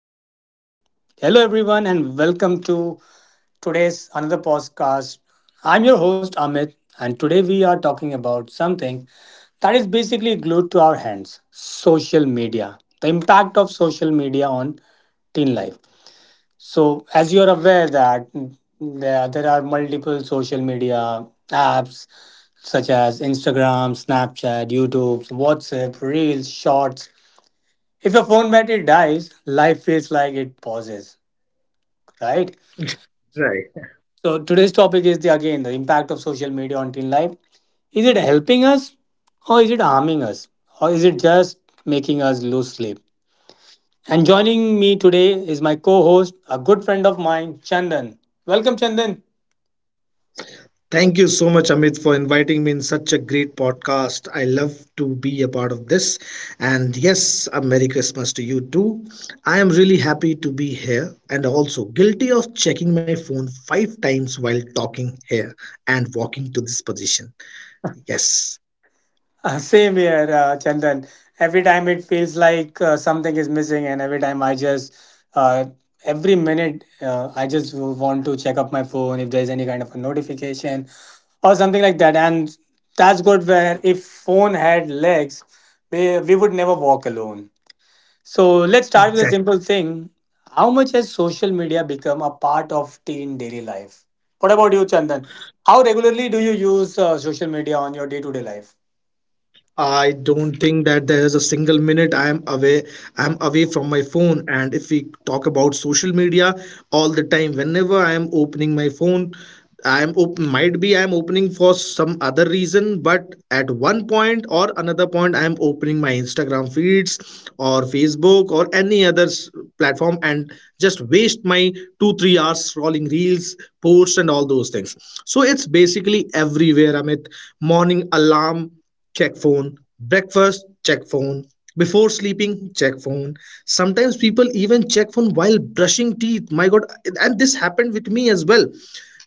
Christmas. Hello, everyone, and welcome to today's another podcast. I'm your host, Amit, and today we are talking about something that is basically glued to our hands social media, the impact of social media on teen life. So, as you are aware, there are multiple social media apps such as Instagram, Snapchat, YouTube, WhatsApp, Reels, Shorts, if your phone battery dies, life feels like it pauses, right? Right. So today's topic is the again the impact of social media on teen life. Is it helping us or is it harming us? Or is it just making us lose sleep? And joining me today is my co-host, a good friend of mine, Chandan. Welcome Chandan. Thank you so much, Amit, for inviting me in such a great podcast. I love to be a part of this. And yes, a Merry Christmas to you too. I am really happy to be here and also guilty of checking my phone five times while talking here and walking to this position. Yes. Same here, Chandan. Every time it feels like something is missing, and every time uh, every minute, I just want to check up my phone if there's any kind of a notification or something like that. And that's good where if phone had legs, we would never walk alone. So let's start with a simple thing. How much has social media become a part of teen daily life? What about you, Chandan? How regularly do you use social media on your day to day life? I don't think that there is a single minute I am away. I am away from my phone. And if we talk about social media, all the time, whenever I am opening my phone, might be I am opening for some other reason, but at one point or another point, I am opening my Instagram feeds or Facebook or any other platform and just waste my 2-3 hours scrolling reels, posts, and all those things. So it's basically everywhere. Amit, morning alarm, check phone; breakfast, check phone; before sleeping, check phone. Sometimes people even check phone while brushing teeth. My god. And this happened with me as well.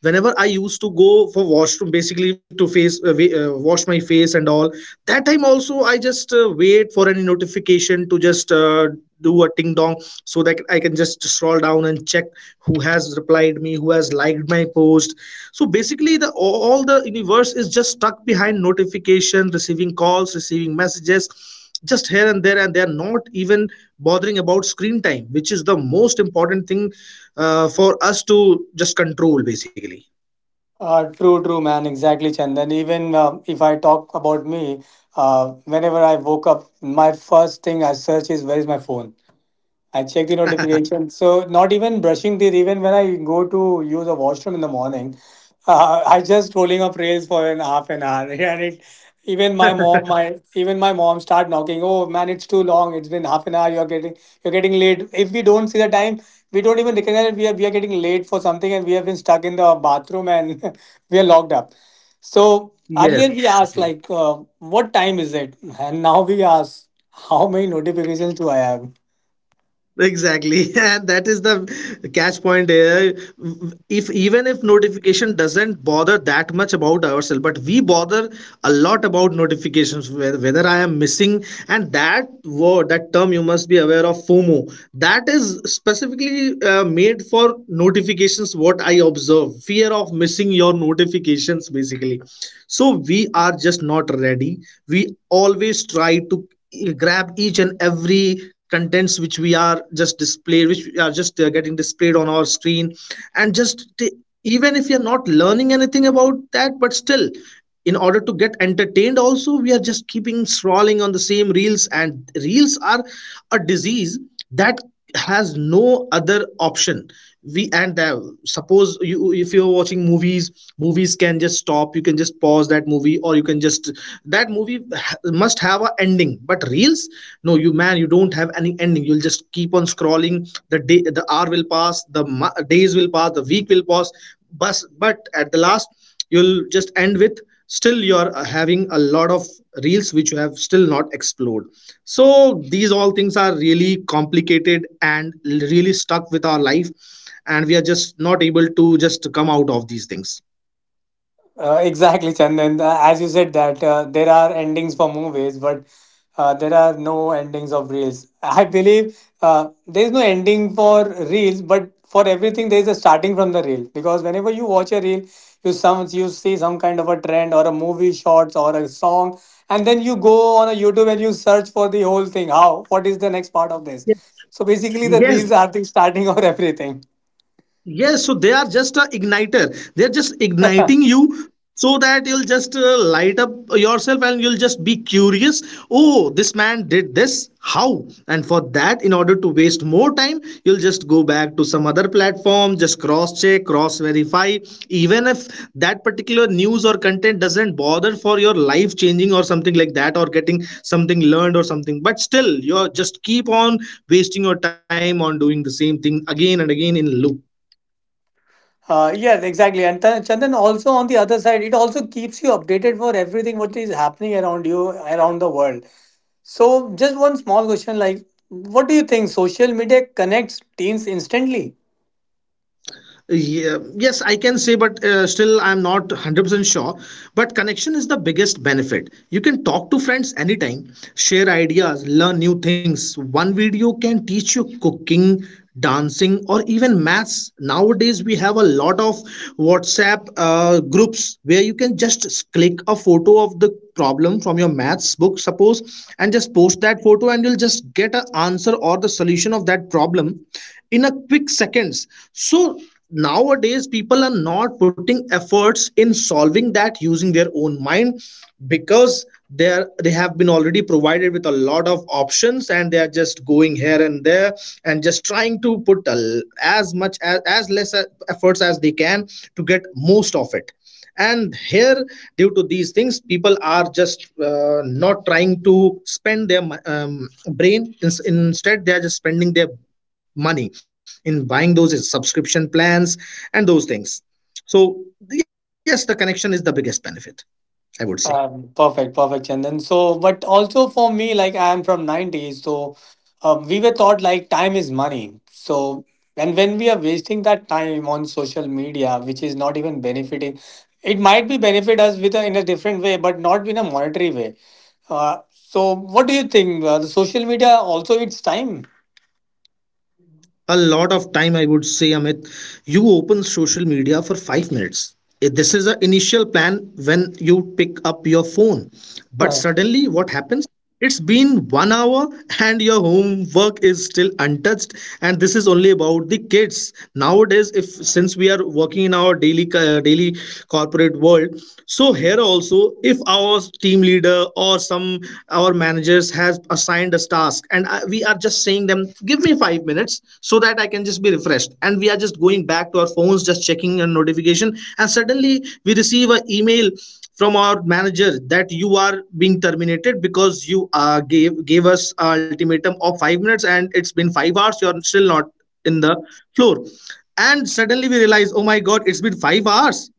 Whenever I used to go for washroom, basically to face wash my face and all, that time also, I just wait for any notification to just do a ting dong so that I can just scroll down and check who has replied me, who has liked my post. So basically, the all the universe is just stuck behind notification, receiving calls, receiving messages, just here and there, and they are not even bothering about screen time, which is the most important thing for us to just control, basically. True, man. Exactly, Chandan. Even if I talk about me, whenever I woke up, my first thing I search is where is my phone. I check the notification. So not even brushing teeth. Even when I go to use a washroom in the morning, I just scrolling up reels for an half an hour, and it even my mom, my even my mom start knocking. Oh man, it's too long. It's been half an hour. You're getting late. If we don't see the time, we don't even recognize that we are getting late for something, and we have been stuck in the bathroom and we are locked up. So Yes. earlier we asked like, what time is it, and now we ask, how many notifications do I have? Exactly, and that is the catch point here. If even if notification doesn't bother that much about ourselves, but we bother a lot about notifications, whether I am missing. And that word, that term, you must be aware of FOMO. That is specifically made for notifications. What I observe, fear of missing your notifications, basically. So we are just not ready. We always try to grab each and every contents which we are just displayed, which we are just getting displayed on our screen. And just, even if you're not learning anything about that, but still, in order to get entertained also, we are just keeping scrolling on the same reels, and reels are a disease that has no other option. We, and suppose, you, if you're watching movies can just stop, you can just pause that movie, or you can just, that movie must have a ending. But reels, no, you, man, you don't have any ending. You'll just keep on scrolling. The day, the hour will pass, the days will pass, the week will pass, but at the last, you'll just end with, still, you're having a lot of reels which you have still not explored. So these all things are really complicated and really stuck with our life, and we are just not able to just come out of these things. Exactly, Chandan. As you said that there are endings for movies, but there are no endings of reels. I believe there is no ending for reels, but for everything there is a starting from the reel. Because whenever you watch a reel, you see some kind of a trend or a movie shorts or a song, and then you go on a YouTube and you search for the whole thing. How? What is the next part of this? Yes, So basically, the yes. reels are the starting or everything. Yes, so they are just a igniter. They're just igniting you so that you'll just light up yourself and you'll just be curious. Oh, this man did this. How? And for that, in order to waste more time, you'll just go back to some other platform, just cross check, cross verify. Even if that particular news or content doesn't bother for your life changing or something like that, or getting something learned or something, but still, you're just keep on wasting your time on doing the same thing again and again in loop. Yeah, exactly. And Chandan, also on the other side, it also keeps you updated for everything what is happening around you, around the world. So, just one small question like, what do you think social media connects teens instantly? Yeah, yes, I can say, but still, I'm not 100% sure. But connection is the biggest benefit. You can talk to friends anytime, share ideas, learn new things. One video can teach you cooking, dancing, or even maths. Nowadays, we have a lot of WhatsApp groups where you can just click a photo of the problem from your maths book, suppose, and just post that photo, and you'll just get an answer or the solution of that problem in a quick seconds. So nowadays people are not putting efforts in solving that using their own mind, because they have been already provided with a lot of options, and they are just going here and there and just trying to put a l as much as less efforts as they can to get most of it. And here, due to these things, people are just not trying to spend their brain. Instead, they are just spending their money in buying those subscription plans and those things. So yes, the connection is the biggest benefit, I would say. Perfect, perfect, Chandan. So, but also for me, like I am from 90s, so we were taught like time is money. So, and when we are wasting that time on social media, which is not even benefiting, it might be benefit us with in a different way, but not in a monetary way. So, what do you think? The social media also its time. A lot of time, I would say, Amit. You open social media for 5 minutes. This is an initial plan when you pick up your phone. But suddenly, what happens? It's been 1 hour and your homework is still untouched. And this is only about the kids. Nowadays, if since we are working in our daily corporate world, so here also, if our team leader or some, our managers has assigned us task, and we are just saying them, give me 5 minutes so that I can just be refreshed, and we are just going back to our phones, just checking a notification, and suddenly we receive an email from our manager that you are being terminated because you gave us a ultimatum of 5 minutes and it's been 5 hours. You are still not in the floor, and suddenly we realize, oh my god, it's been 5 hours.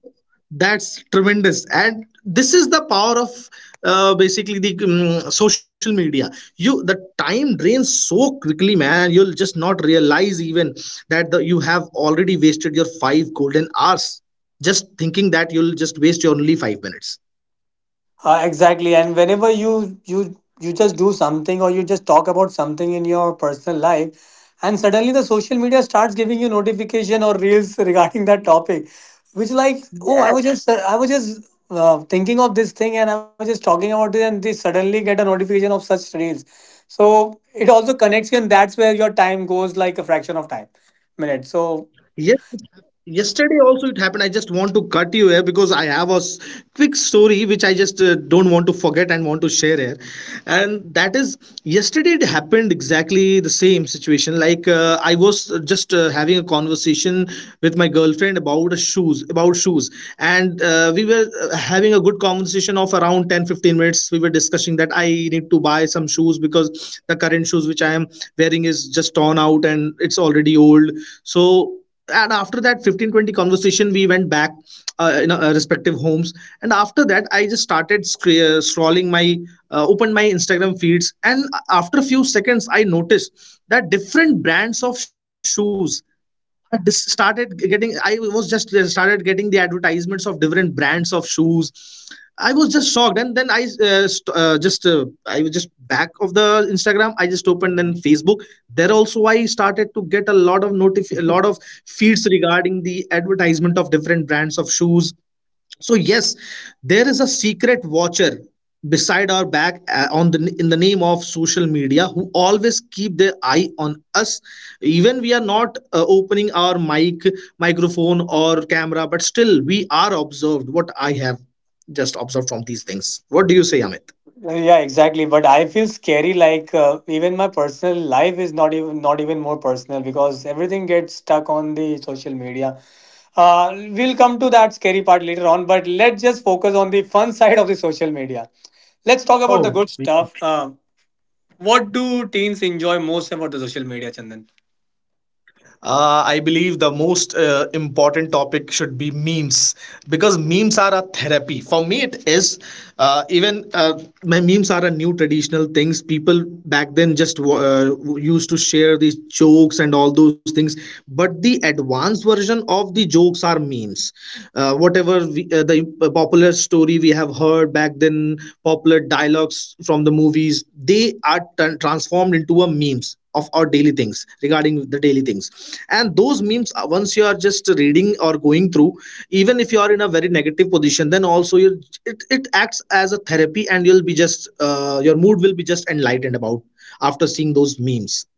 That's tremendous, and this is the power of basically the social media. You the time drains so quickly, man. You'll just not realize even that you have already wasted your five golden hours just thinking that you'll just waste your only 5 minutes. Exactly. And whenever you just do something or you just talk about something in your personal life, and suddenly the social media starts giving you notification or reels regarding that topic, which like oh I was just thinking of this thing and I was just talking about it and they suddenly get a notification of such reels. So it also connects you and that's where your time goes like a fraction of time minutes. So Yes, yesterday also it happened. I just want to cut you here because I have a quick story which I just don't want to forget and want to share here. And that is, yesterday it happened exactly the same situation. Like I was just having a conversation with my girlfriend about shoes. And we were having a good conversation of around ten fifteen minutes, we were discussing that I need to buy some shoes because the current shoes which I am wearing is just torn out and it's already old. So, and after that 15-20 conversation, we went back in our respective homes. And after that, I just started scr- scrolling my opened my Instagram feeds, and after a few seconds I noticed that different brands of shoes I was just started getting the advertisements of different brands of shoes. I was just shocked. And then I was just, back of the Instagram, I just opened then Facebook. There also I started to get a lot of feeds regarding the advertisement of different brands of shoes. So yes, there is a secret watcher beside our back on, the in the name of social media, who always keep their eye on us. Even we are not opening our microphone or camera, but still we are observed. What I have just observed from these things, what do you say, Amit? Yeah, exactly. But I feel scary. Like even my personal life is not even more personal because everything gets stuck on the social media. Uh, we'll come to that scary part later on. But let's just focus on the fun side of the social media. Let's talk about the Oh. good stuff. What do teens enjoy most about the social media, Chandan? I believe the most important topic should be memes, because memes are a therapy. For me, it is. Even my memes are a new traditional things. People back then just used to share these jokes and all those things. But the advanced version of the jokes are memes. Whatever the popular story we have heard back then, popular dialogues from the movies, they are transformed into a memes of our daily things, regarding the daily things. And those memes, once you are just reading or going through, even if you are in a very negative position, then also it acts as a therapy, and you'll be just your mood will be just enlightened about after seeing those memes.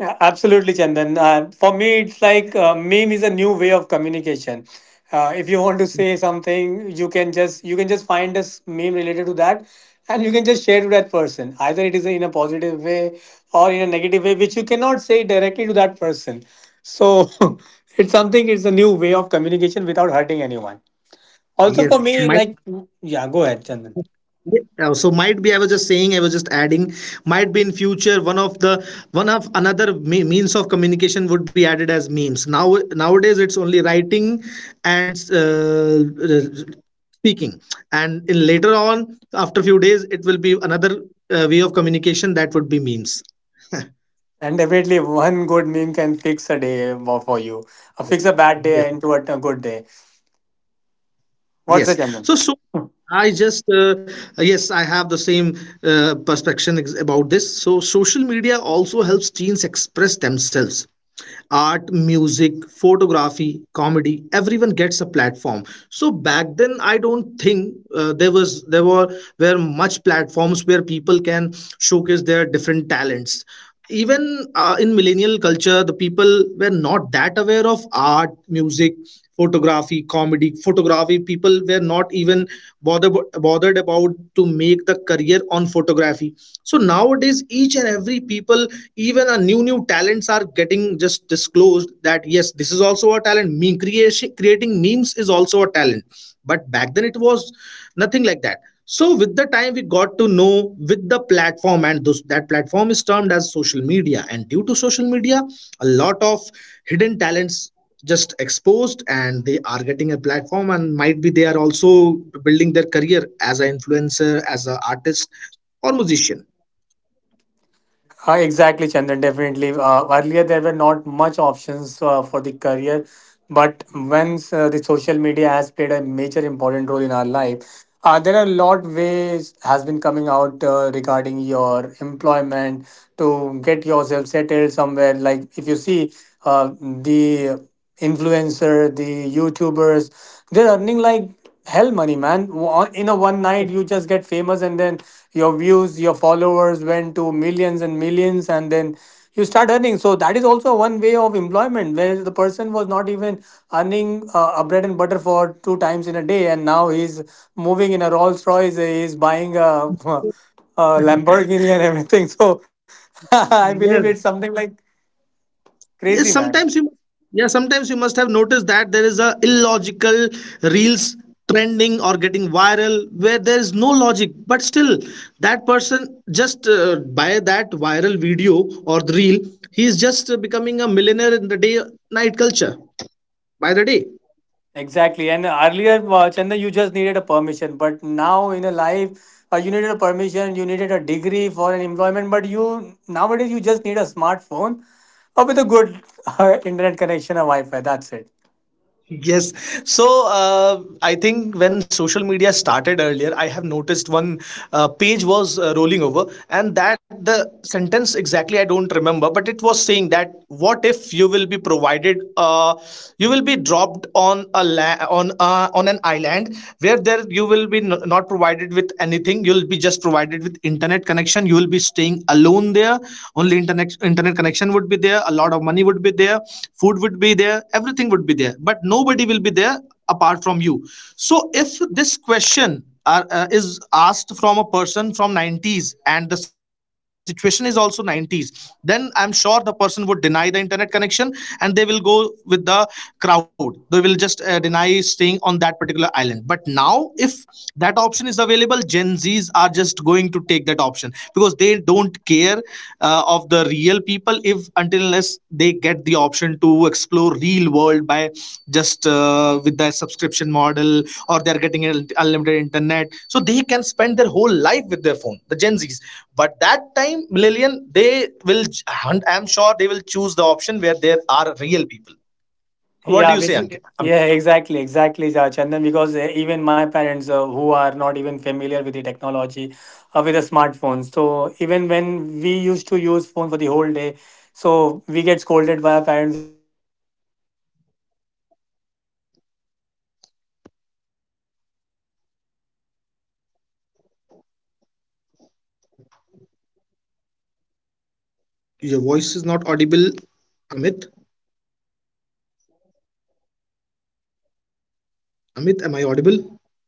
Yeah, absolutely, Chandan. For me, it's like meme is a new way of communication. If you want to say something, you can just find a meme related to that, and you can just share to that person. Either it is in a positive way or in a negative way, which you cannot say directly to that person. So it's something. It's a new way of communication without hurting anyone. Also, for Yes me, my like yeah, go ahead, Chandan. Yeah, so, might be, I was just adding, might be in future one of the, one of another means of communication would be added as memes. Nowadays, it's only writing and uh, speaking. And in later on, after few days, it will be another way of communication that would be memes. And definitely, one good meme can fix a day for you. Fix a bad day Yes. into a good day. What's the Yes. Chandan? So, I just, uh, yes, I have the same perspective about this. So, social media also helps teens express themselves. Art, music, photography, comedy, everyone gets a platform. So back then, I don't think there were much platforms where people can showcase their different talents. Even in millennial culture, the people were not that aware of art, music, photography, comedy, photography, people were not even bothered bothered about to make the career on photography. So nowadays each and every people, even a new talents are getting just disclosed, that yes, this is also a talent. Meme creation, creating memes is also a talent. But back then it was nothing like that. So with the time, we got to know with the platform, and that platform is termed as social media. And due to social media, a lot of hidden talents just exposed, and they are getting a platform, and might be they are also building their career as an influencer, as an artist or musician. Exactly, Chandan. Definitely. Earlier, there were not much options for the career, but once the social media has played a major important role in our life, there are a lot ways has been coming out regarding your employment to get yourself settled somewhere. Like if you see the influencer, the YouTubers, they're earning like hell money man. In a one night you just get famous and then your views your followers went to millions and millions and then you start earning so that is also one way of employment where the person was not even earning a bread and butter for two times in a day and now he's moving in a rolls royce he's buying a, a lamborghini and everything so I believe it's Yes, something like crazy yes, man. sometimes you yeah sometimes you must have noticed that there is a illogical reels trending or getting viral, where there is no logic, but still, that person just, by that viral video or the reel, he is just becoming a millionaire in the day, night culture, by the day. Exactly. And earlier, Chandan, you just needed a permission. But now in a life, you needed a permission, you needed a degree for an employment. But you nowadays, you just need a smartphone or with a good internet connection or Wi Fi. That's it. Yes. So, I think when social media started earlier, I have noticed one page was rolling over, and that the sentence exactly I don't remember, but it was saying that, what if you will be dropped on on an island, where there you will be not provided with anything. You'll be just provided with internet connection. You will be staying alone there. Only internet connection would be there, a lot of money would be there, food would be there, everything would be there, but nobody will be there apart from you. So if this question is asked from a person from 90s, and the situation is also 90s, then I'm sure the person would deny the internet connection, and they will go with the crowd. They will just deny staying on that particular island. But now, if that option is available, Gen Z's are just going to take that option, because they don't care of the real people, if until unless they get the option to explore real world by just, with their subscription model, or they are getting unlimited internet, so they can spend their whole life with their phone, the Gen Z's. But that time, millennial, they will, I'm sure they will choose the option where there are real people. Yeah, What do you basically. say, Ankit? Yeah, exactly, exactly, Chandan. Because even my parents, who are not even familiar with the technology, with the smartphones, so even when we used to use phone for the whole day, so we get scolded by our parents Your voice is not audible, Amit. Amit, am I audible?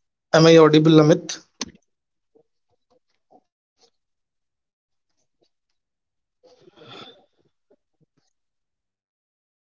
Am I audible, Amit? Hi, Amit. Am I audible?